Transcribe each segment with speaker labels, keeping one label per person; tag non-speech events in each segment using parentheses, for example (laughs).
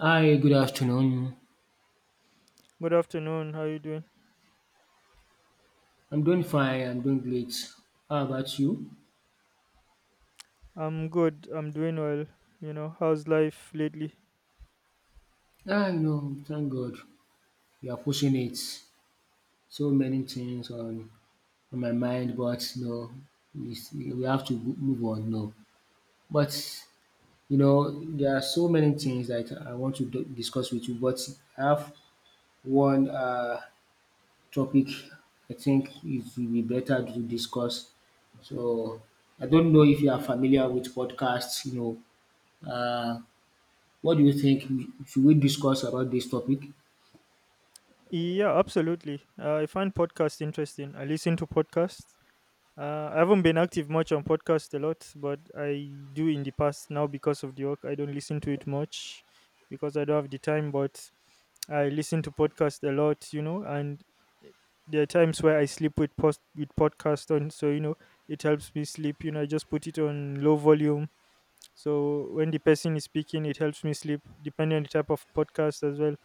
Speaker 1: Hi, good afternoon.
Speaker 2: Good afternoon. How you doing?
Speaker 1: I'm doing fine. I'm doing great. How about you?
Speaker 2: I'm good. I'm doing well. How's life lately?
Speaker 1: Ah, you know, thank God. We are pushing it. So many things on my mind, but you know, we have to move on. No, but you know, there are so many things that I want to discuss with you. But I have one topic I think it will be better to discuss. So I don't know if you are familiar with podcasts, you know. What do you think? Should we discuss about this topic?
Speaker 2: Yeah, absolutely. I find podcasts interesting. I listen to podcasts. I haven't been active much on podcasts a lot, but I do in the past. Now, because of the work, I don't listen to it much because I don't have the time. But I listen to podcasts a lot, and there are times where I sleep with post with podcast on, so, it helps me sleep. I just put it on low volume. So when the person is speaking, it helps me sleep. Depending on the type of podcast as well,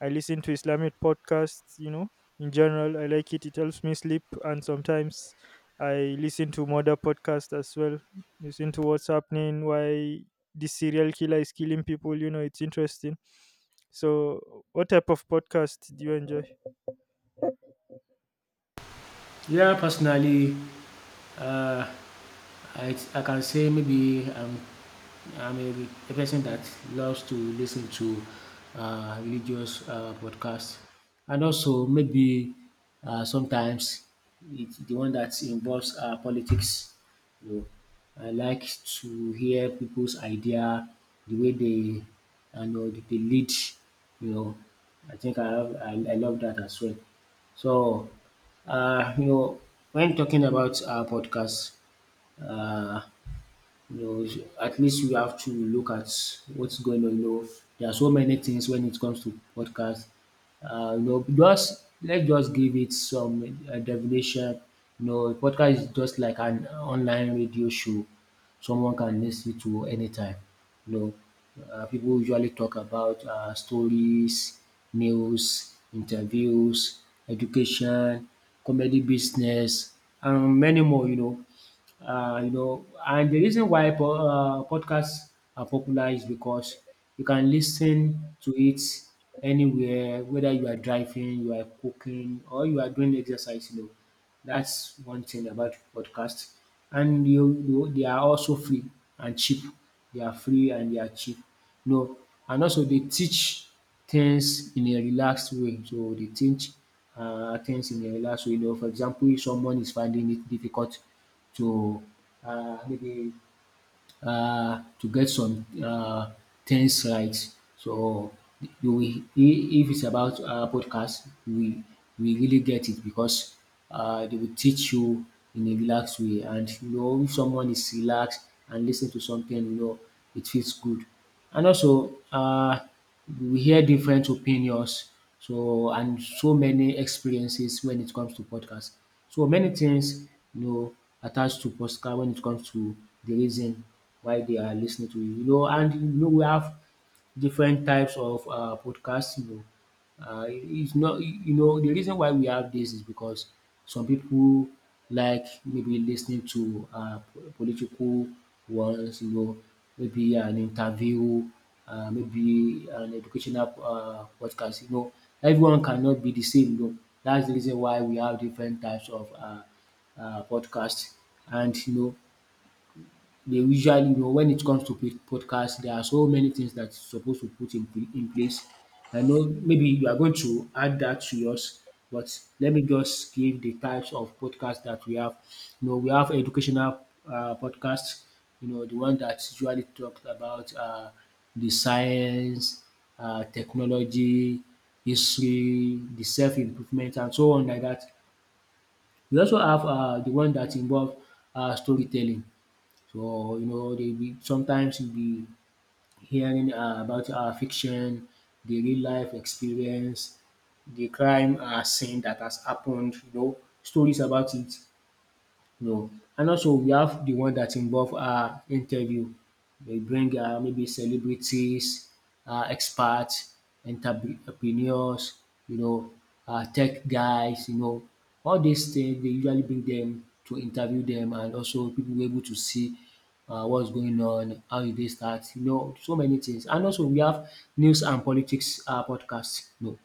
Speaker 2: I listen to Islamic podcasts. In general, I like it. It helps me sleep, and sometimes I listen to murder podcasts as well. Listen to what's happening, why this serial killer is killing people. It's interesting. So, what type of podcast do you enjoy?
Speaker 1: Yeah, personally, uh, I can say maybe I'm a person that loves to listen to religious podcasts, and also maybe sometimes the one that involves politics. You know, I like to hear people's idea, the way they you know they lead. You know, I think I love that as well. So, you know, when talking about podcasts uh, you know, at least you have to look at what's going on. You know, there are so many things when it comes to podcast. You know, just let's just give it some definition. You know, a podcast is just like an online radio show someone can listen to anytime. You know, people usually talk about stories, news, interviews, education, comedy business, and many more. You know, and the reason why podcasts are popular is because you can listen to it anywhere, whether you are driving, you are cooking, or you are doing exercise. You know, that's one thing about podcasts. And you they are also free and cheap. They are free and they are cheap. You know, and also they teach things in a relaxed way. So they teach things in a relaxed way. You know, for example, if someone is finding it difficult to maybe to get some things right. So you will if it's about podcast, we really get it because they will teach you in a relaxed way, and you know if someone is relaxed and listen to something you know it feels good. And also we hear different opinions so and so many experiences when it comes to podcast. So many things you know attached to podcast when it comes to the reason why they are listening to you. You know, and you know we have different types of podcasts, you know. It's not You know, the reason why we have this is because some people like maybe listening ten ing to political ones, you know, maybe an interview, maybe an educational podcast, you know. Everyone cannot be the same, you know. That's the reason why we have different types of podcast, and you know they usually you know when it comes to podcast, there are so many things that you're supposed to in place. I know maybe you are going to add that to yours, but let me just give the types of podcasts that we have. You know, we have educational podcasts, you know, the one that usually talks about the science, technology, history, the self improvement, and so on like that. We also have the one that involves storytelling. So you know, they be sometimes you be hearing about fiction, the real life experience, the crime scene that has happened. You know, stories about it. No. And also we have the one that involve interview. They bring maybe celebrities, experts, entrepreneurs, you know, tech guys, you know. All these things they usually bring them to interview them, and also people were able to see what's going on, how e dey start, you know so many things. And also we have news and politics podcast. No,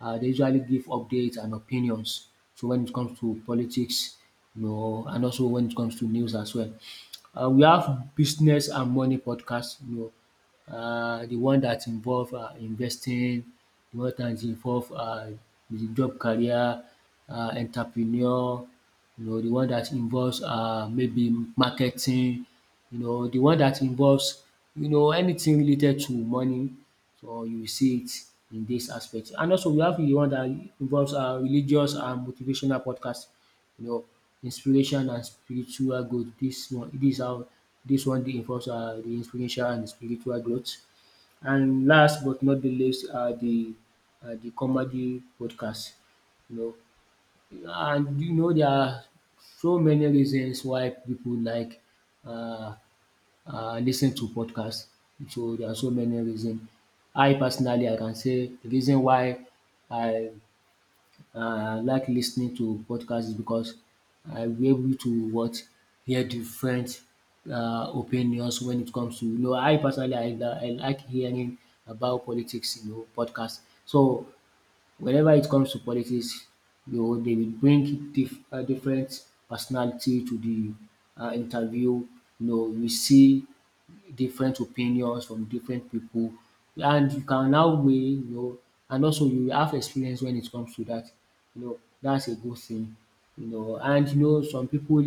Speaker 1: they usually give updates and opinions. So when it comes to politics, you know, and also when it comes to news as well. We have business and money podcast, you know, the one that involve investing, the one that involve the job career, entrepreneur, you know, the one that involves maybe marketing, you know, the one that involves you know anything related to money. So you will see it in this aspect. And also we have the one that involves religious and motivational podcast. You know, inspiration and spiritual growth. This one dey involves the inspiration and spiritual growth. And last but not the least are the comedy podcast. You know, and you know there are so many reasons why people like uh, lis ten to podcast. So there are so many reason. I personally I can say the reason why I I like listening to podcasts is because I be able to what hear different opinions when it comes to you know I personally I like hearing about politics you know podcasts. So whenever it comes to politics, you know they will bring different personality to the interview. You know, we see different opinions from different people, and you can now weigh, you know, and also you have experience when it comes to that. You know, that's a good thing. You know, and you know, some people,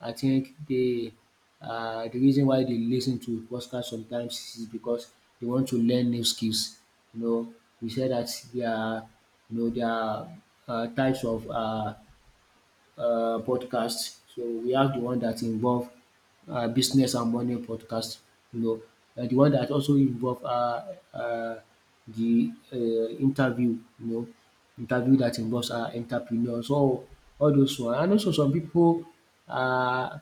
Speaker 1: I think the reason why they listen to podcast sometimes is because they want to learn new skills. You know, we said that there are, you know, there are types of podcasts. So we have the one that involve business and money podcast. You know, and the one that also involve uh, the interview. You know, interview that involves entrepreneurs. So all those one, and also some people. Uh,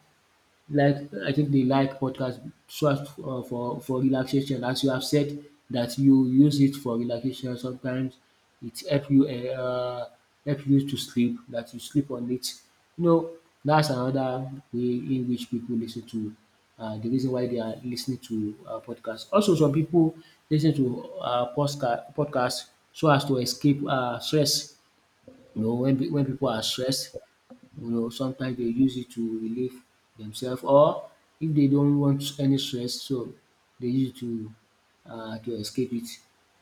Speaker 1: like I think they like podcast so as for relaxation as you have said that you use it for relaxation sometimes it um help you to sleep that you sleep on it. You know that's another way in which people listen to the reason why they are listening to podcast. Also some people listen to podcasts so as to escape stress you know when when people are stressed you know, sometimes they use it to relieve themselves, or if they don't want any stress so they use it to escape it.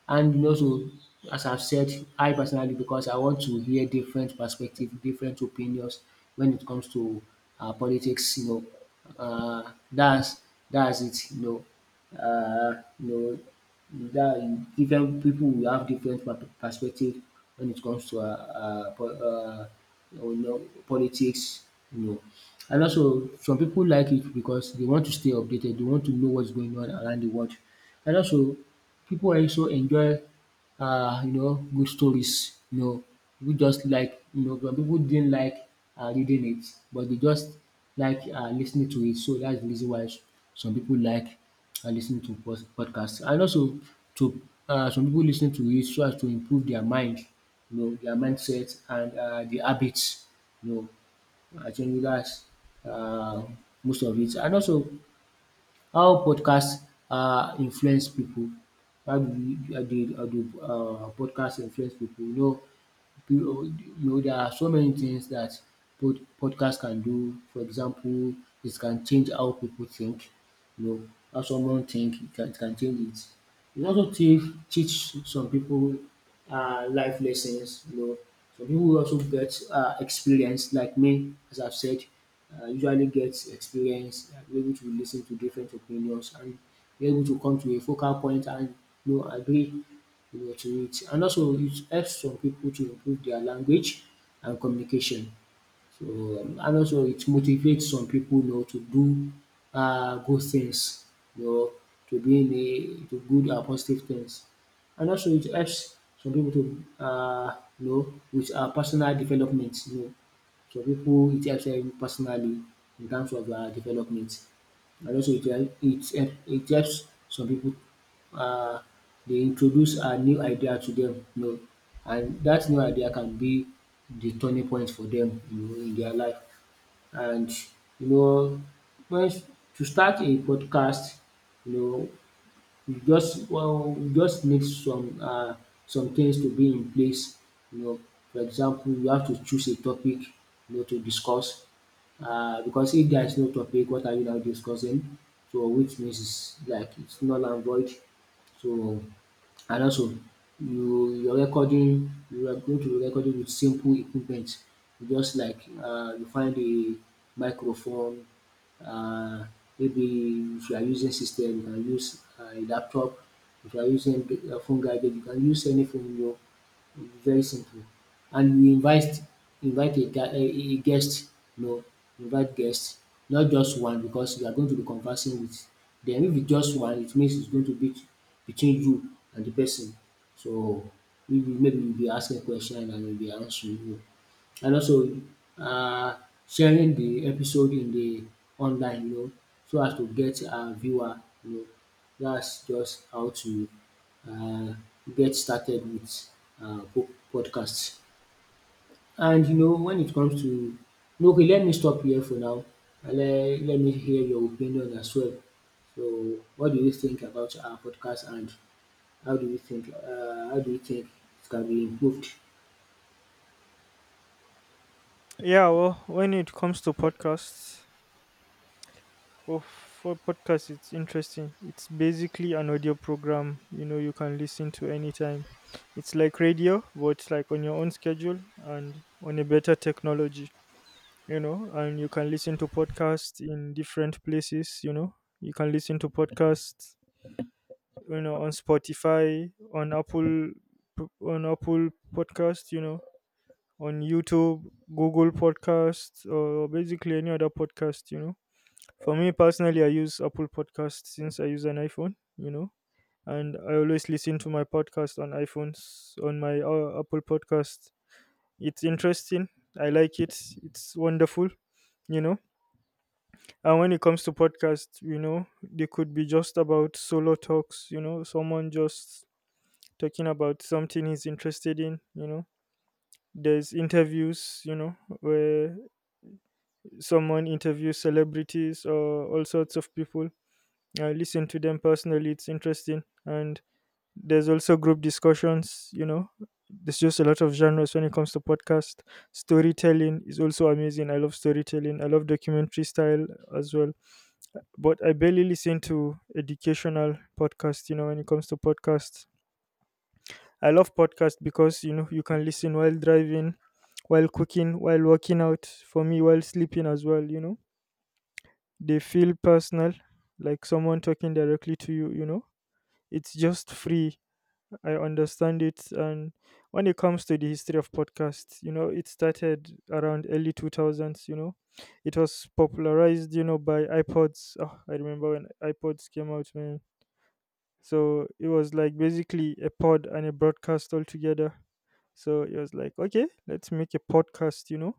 Speaker 1: And you know so as I've said I personally because I want to hear different perspective, different opinions when it comes to politics you know. uh, that's that's it you know. You know that different people will have different perspective when it comes to po you know politics you know. And also some people like it because they want to stay updated. They want to know what's going on around the world. And also people also enjoy you know good stories you know we just like you know some people didn't like reading it but they just like listening to it. So that's the reason why some people like listening to podcasts. And also to some people lis to it so as to improve their mind you know, their mindset and the habits, you know I think that's uh, most of it. And also how podcast influence people. How do you how do you how do podcast influence people? You know, there are so many things that podcast can do. For example, it can change how people think, you know, how someone think, it can change it. It also teach some people life lessons, you know. Some people also get experience, like me, as I've said, usually get experience, be able to listen to different opinions and be able to come to a focal point and you know, agree you know to it, and also it helps some people to improve their language and communication. So and also it motivates some people, you know to do good things you know to be in a to good and positive things. And also it helps some people to you know with personal development you know. Some people it helps them personally in terms of development and also it helps some people um they introduce a new idea to them, you know and that new idea can be the turning point for them, you know in their life, and you know when to start a podcast you know you just well, you just need some things to be in place you know for example you have to choose a topic you know to discuss because if there is no topic what are you now discussing so which means is like it's null and void. So and also you're recording you are going to be recording with simple equipment. You just like you find a microphone. Uh, Maybe if you are using system you can use a laptop, if you are using a phone gadget you can use any phone you know very simple. And you invite a a guest you know invite guest not just one because you are going to be conversing with dem. If it's just one it means it's going to be between you and the person so maybe you be asking question and e be answering you. And also um sharing the episode in the online you know so as to get viewer you know. That's just how to um get started with po podcast. And you know when it comes to no, okay let me stop here for now, and let me hear your opinion as well. So what do you think about our podcast, and how do you think it can be improved?
Speaker 2: Yeah, well, when it comes to podcasts, well, for podcasts, it's interesting. It's basically an audio program, you can listen to anytime. It's like radio, but like on your own schedule and on a better technology. And you can listen to podcasts in different places. You can listen to podcasts on Spotify, on Apple, on Apple Podcast, on YouTube, Google Podcasts, or basically any other podcast. For me personally, I use Apple Podcasts since I use an iPhone, and I always listen to my podcast on iPhones, on my Apple Podcast. It's interesting. I like it. It's wonderful you know And when it comes to podcasts, they could be just about solo talks, someone just talking about something he's interested in. You know. There's interviews, you know, where someone interviews celebrities or all sorts of people. I listen to them personally, it's interesting. And there's also group discussions. You know. There's just a lot of genres when it comes to podcast. Storytelling is also amazing. I love storytelling. I love documentary style as well, but I barely listen to educational podcasts you know, when it comes to podcasts. I love podcasts because, you can listen while driving, while cooking, while working out, for me, while sleeping as well. You know. They feel personal, like someone talking directly to you, you know. It's just free. I understand it. And when it comes to the history of podcasts, it started around early 2000s. You know. It was popularized you know, by iPods. Oh, I remember when iPods came out, man. So it was like basically a pod and a broadcast all together. So it was like, okay, let's make a podcast. You know.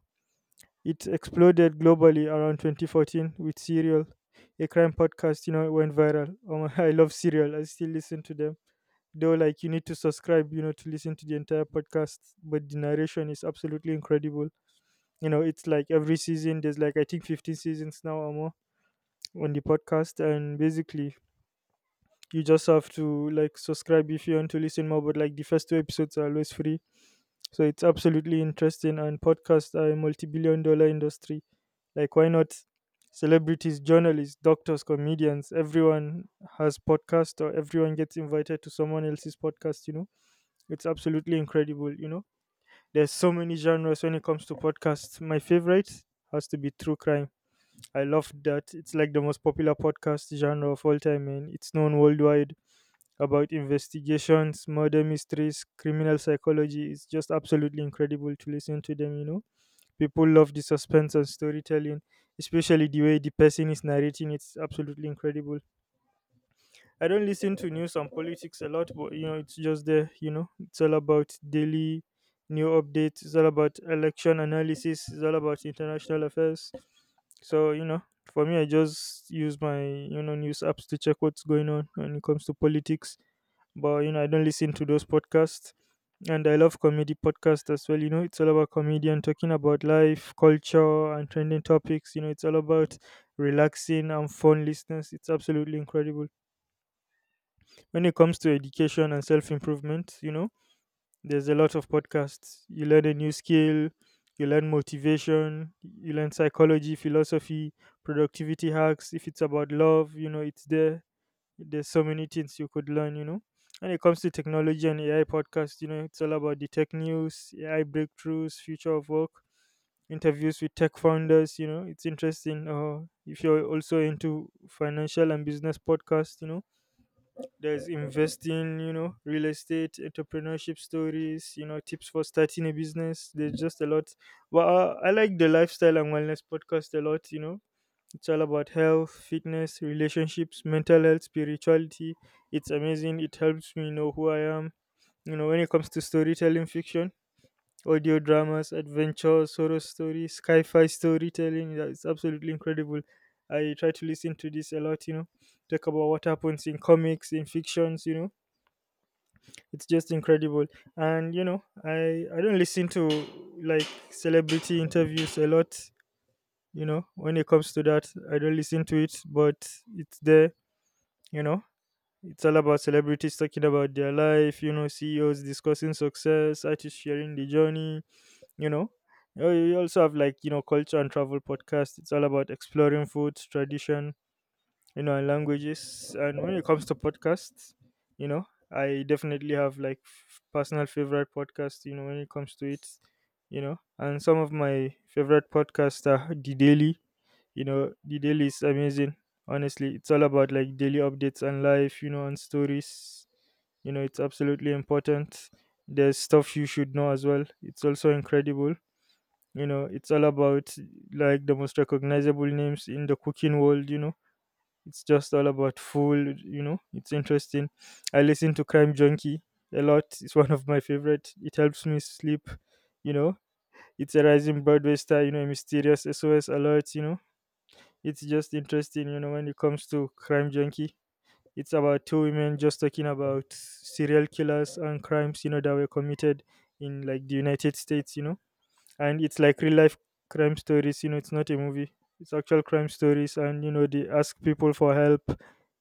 Speaker 2: It exploded globally around 2014 with Serial, a crime podcast, you know, it went viral. Oh my, (laughs) I love Serial. I still listen to them. Though, like, you need to subscribe you know, to listen to the entire podcast, but the narration is absolutely incredible. It's like every season, there's like, I think 15 seasons now or more on the podcast. And basically, you just have to like subscribe if you want to listen more, but like the first two episodes are always free, so it's absolutely interesting. And podcasts are a multi-billion dollar industry, like why not? Celebrities, journalists, doctors, comedians, everyone has podcast, or everyone gets invited to someone else's podcast. It's absolutely incredible. There's so many genres when it comes to podcasts. My favorite has to be true crime. I love that. It's like the most popular podcast genre of all time and it's known worldwide about investigations, murder mysteries, criminal psychology. It's just absolutely incredible to listen to them. You know. People love the suspense and storytelling, especially the way the person is narrating. It's absolutely incredible. I don't listen to news and politics a lot, but it's just there. You know, it's all about daily new updates, it's all about election analysis, it's all about international affairs. So, you know, for me, I just use my you know, news apps to check what's going on when it comes to politics, but you know I don't listen to those podcasts. And I love comedy podcasts as well. You know, it's all about comedian talking about life, culture, and trending topics. You know, it's all about relaxing and fun listeners. It's absolutely incredible. When it comes to education and self improvement, you know, there's a lot of podcasts. You learn a new skill, you learn motivation, you learn psychology, philosophy, productivity hacks. If it's about love, you know, it's there. There's so many things you could learn. You know. When it comes to technology and AI podcasts, you know, it's all about the tech news, AI breakthroughs, future of work, interviews with tech founders. You know, it's interesting. If you're also into financial and business podcasts, you know, there's investing, you know, real estate, entrepreneurship stories, you know, tips for starting a business. There's just a lot. Well, I like the lifestyle and wellness podcast a lot. You know. It's all about health, fitness, relationships, mental health, spirituality. It's amazing. It helps me know who I am. You know, when it comes to storytelling fiction, audio dramas, adventures, horror stories, sci fi storytelling, yeah, it's absolutely incredible. I try to listen to this a lot, you know, talk about what happens in comics, in fictions. You know, it's just incredible. And you know, I don't listen to like celebrity interviews a lot. You know, when it comes to that, I don't listen to it, but it's there. You know it's all about celebrities talking about their life, you know ceos discussing success, artists sharing the journey. You know You also have like you know culture and travel podcast. It's all about exploring food, tradition, you know, and languages. And when it comes to podcasts, you know, I definitely have like personal favorite podcasts, you know, when it comes to it, you know, and some of my favorite podcasts are The Daily. You know, The Daily is amazing. Honestly, it's all about like daily updates and life, you know, and stories. You know, it's absolutely important. There's stuff you should know as well. It's also incredible. You know, it's all about like the most recognizable names in the cooking world. You know it's just all about food. You know. It's interesting. I listen to Crime Junkie a lot. It's one of my favorite. It helps me sleep. You know. It's a rising Broadway star, you know, a mysterious SOS alert. You know. It's just interesting, you know, when it comes to Crime Junkie. It's about two women just talking about serial killers and crimes you know, that were committed in like the United States. You know and it's like real life crime stories. You know it's not a movie. It's actual crime stories, and you know they ask people for help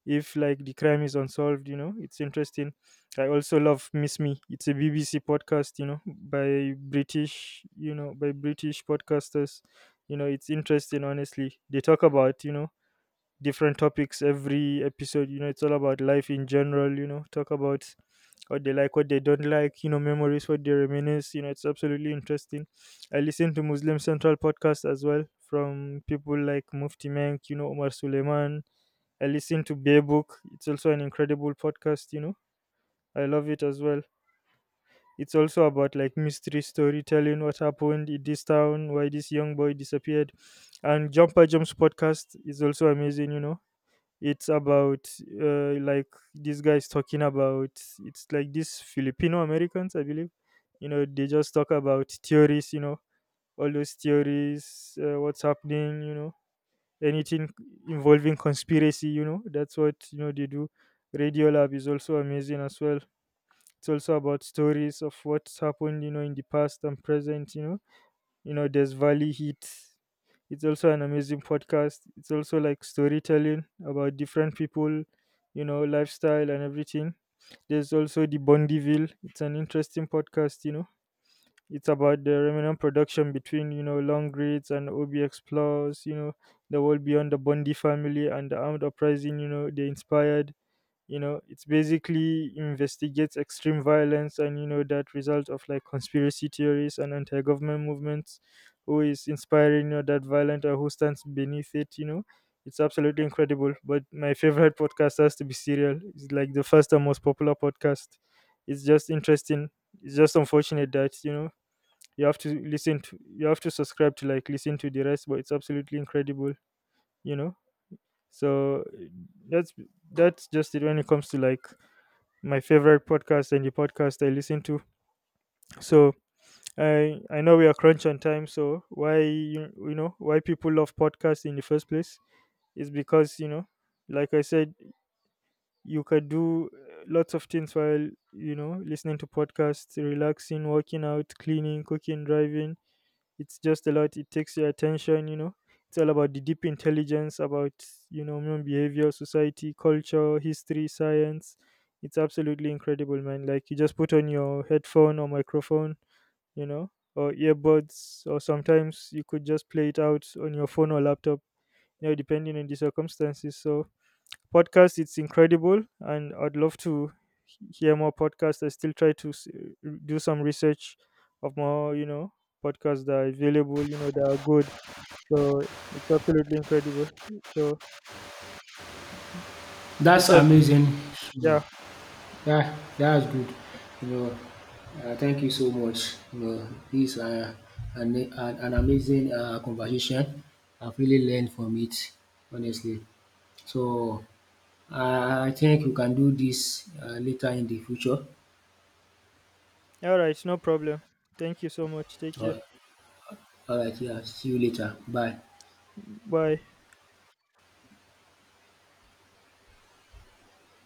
Speaker 2: if like the crime is unsolved. You know it's interesting. I also love Miss Me. It's a BBC podcast, you know by British, by British podcasters. You know it's interesting, honestly. They talk about you know different topics every episode. You know it's all about life in general. You know talk about what they like, what they don't like, you know, memories, what they reminisce. You know, it's absolutely interesting. I listen to Muslim Central podcast as well, from people like Mufti Menk, you know, Omar Suleiman. I listen to Bear Book. It's also an incredible podcast. You know. I love it as well. It's also about like mystery storytelling, what happened in this town, why this young boy disappeared. And Jumper Jumps podcast is also amazing. You know. It's about like this guy's talking about, it's like these Filipino Americans, I believe. You know, they just talk about theories. You know, all those theories, what's happening. You know, anything involving conspiracy. You know, that's what you know they do. Radio Lab is also amazing as well. It's also about stories of what's happened, You know, in the past and present. There's Valley Heat. It's also an amazing podcast. It's also like storytelling about different people, you know lifestyle and everything. There's also the Bondyville. It's an interesting podcast. You know it's about the remnant production between you know long Grids and OBX Explorers. You know the world beyond the Bondy family and the armed uprising, you know they inspired. You know it's basically investigates extreme violence and you know that result of like conspiracy theories and anti-government movements. Who is inspiring you know that violent, or who stands beneath it. You know it's absolutely incredible. But my favorite podcast has to be Serial. It's like the first and most popular podcast. It's just interesting. It's just unfortunate that you know you have to subscribe to like listen to the rest, but it's absolutely incredible. You know so that's that's just it when it comes to like my favorite podcast and the podcast I listen to. So I know we are crunch on time. So why you, you know why people love podcasts in the first place is because, you know, like I said, you can do lots of things while you know listening to podcasts, relaxing, working out, cleaning, cooking, driving. It's just a lot. It takes your attention. You know. It's all about the deep intelligence about you know, human behavior, society, culture, history, science. It's absolutely incredible, man. Like you just put on your headphone or microphone, you know, or earbuds, or sometimes you could just play it out on your phone or laptop, you know, depending on the circumstances. So podcast, it's incredible, and I'd love to hear more podcasts. I still try to do some research of more you know podcasts that are available, you know that are good. So it's absolutely incredible. So this
Speaker 1: That's
Speaker 2: has been,
Speaker 1: amazing.
Speaker 2: yeah,
Speaker 1: Yeah, that's good. You know, thank you so much. You know, this an amazing conversation. I've really learned from it, honestly. So I think we can do this later in the future.
Speaker 2: all right, no problem. Thank you so much, take
Speaker 1: All
Speaker 2: care.
Speaker 1: right, all right, yeah. See you later. Bye.
Speaker 2: Bye.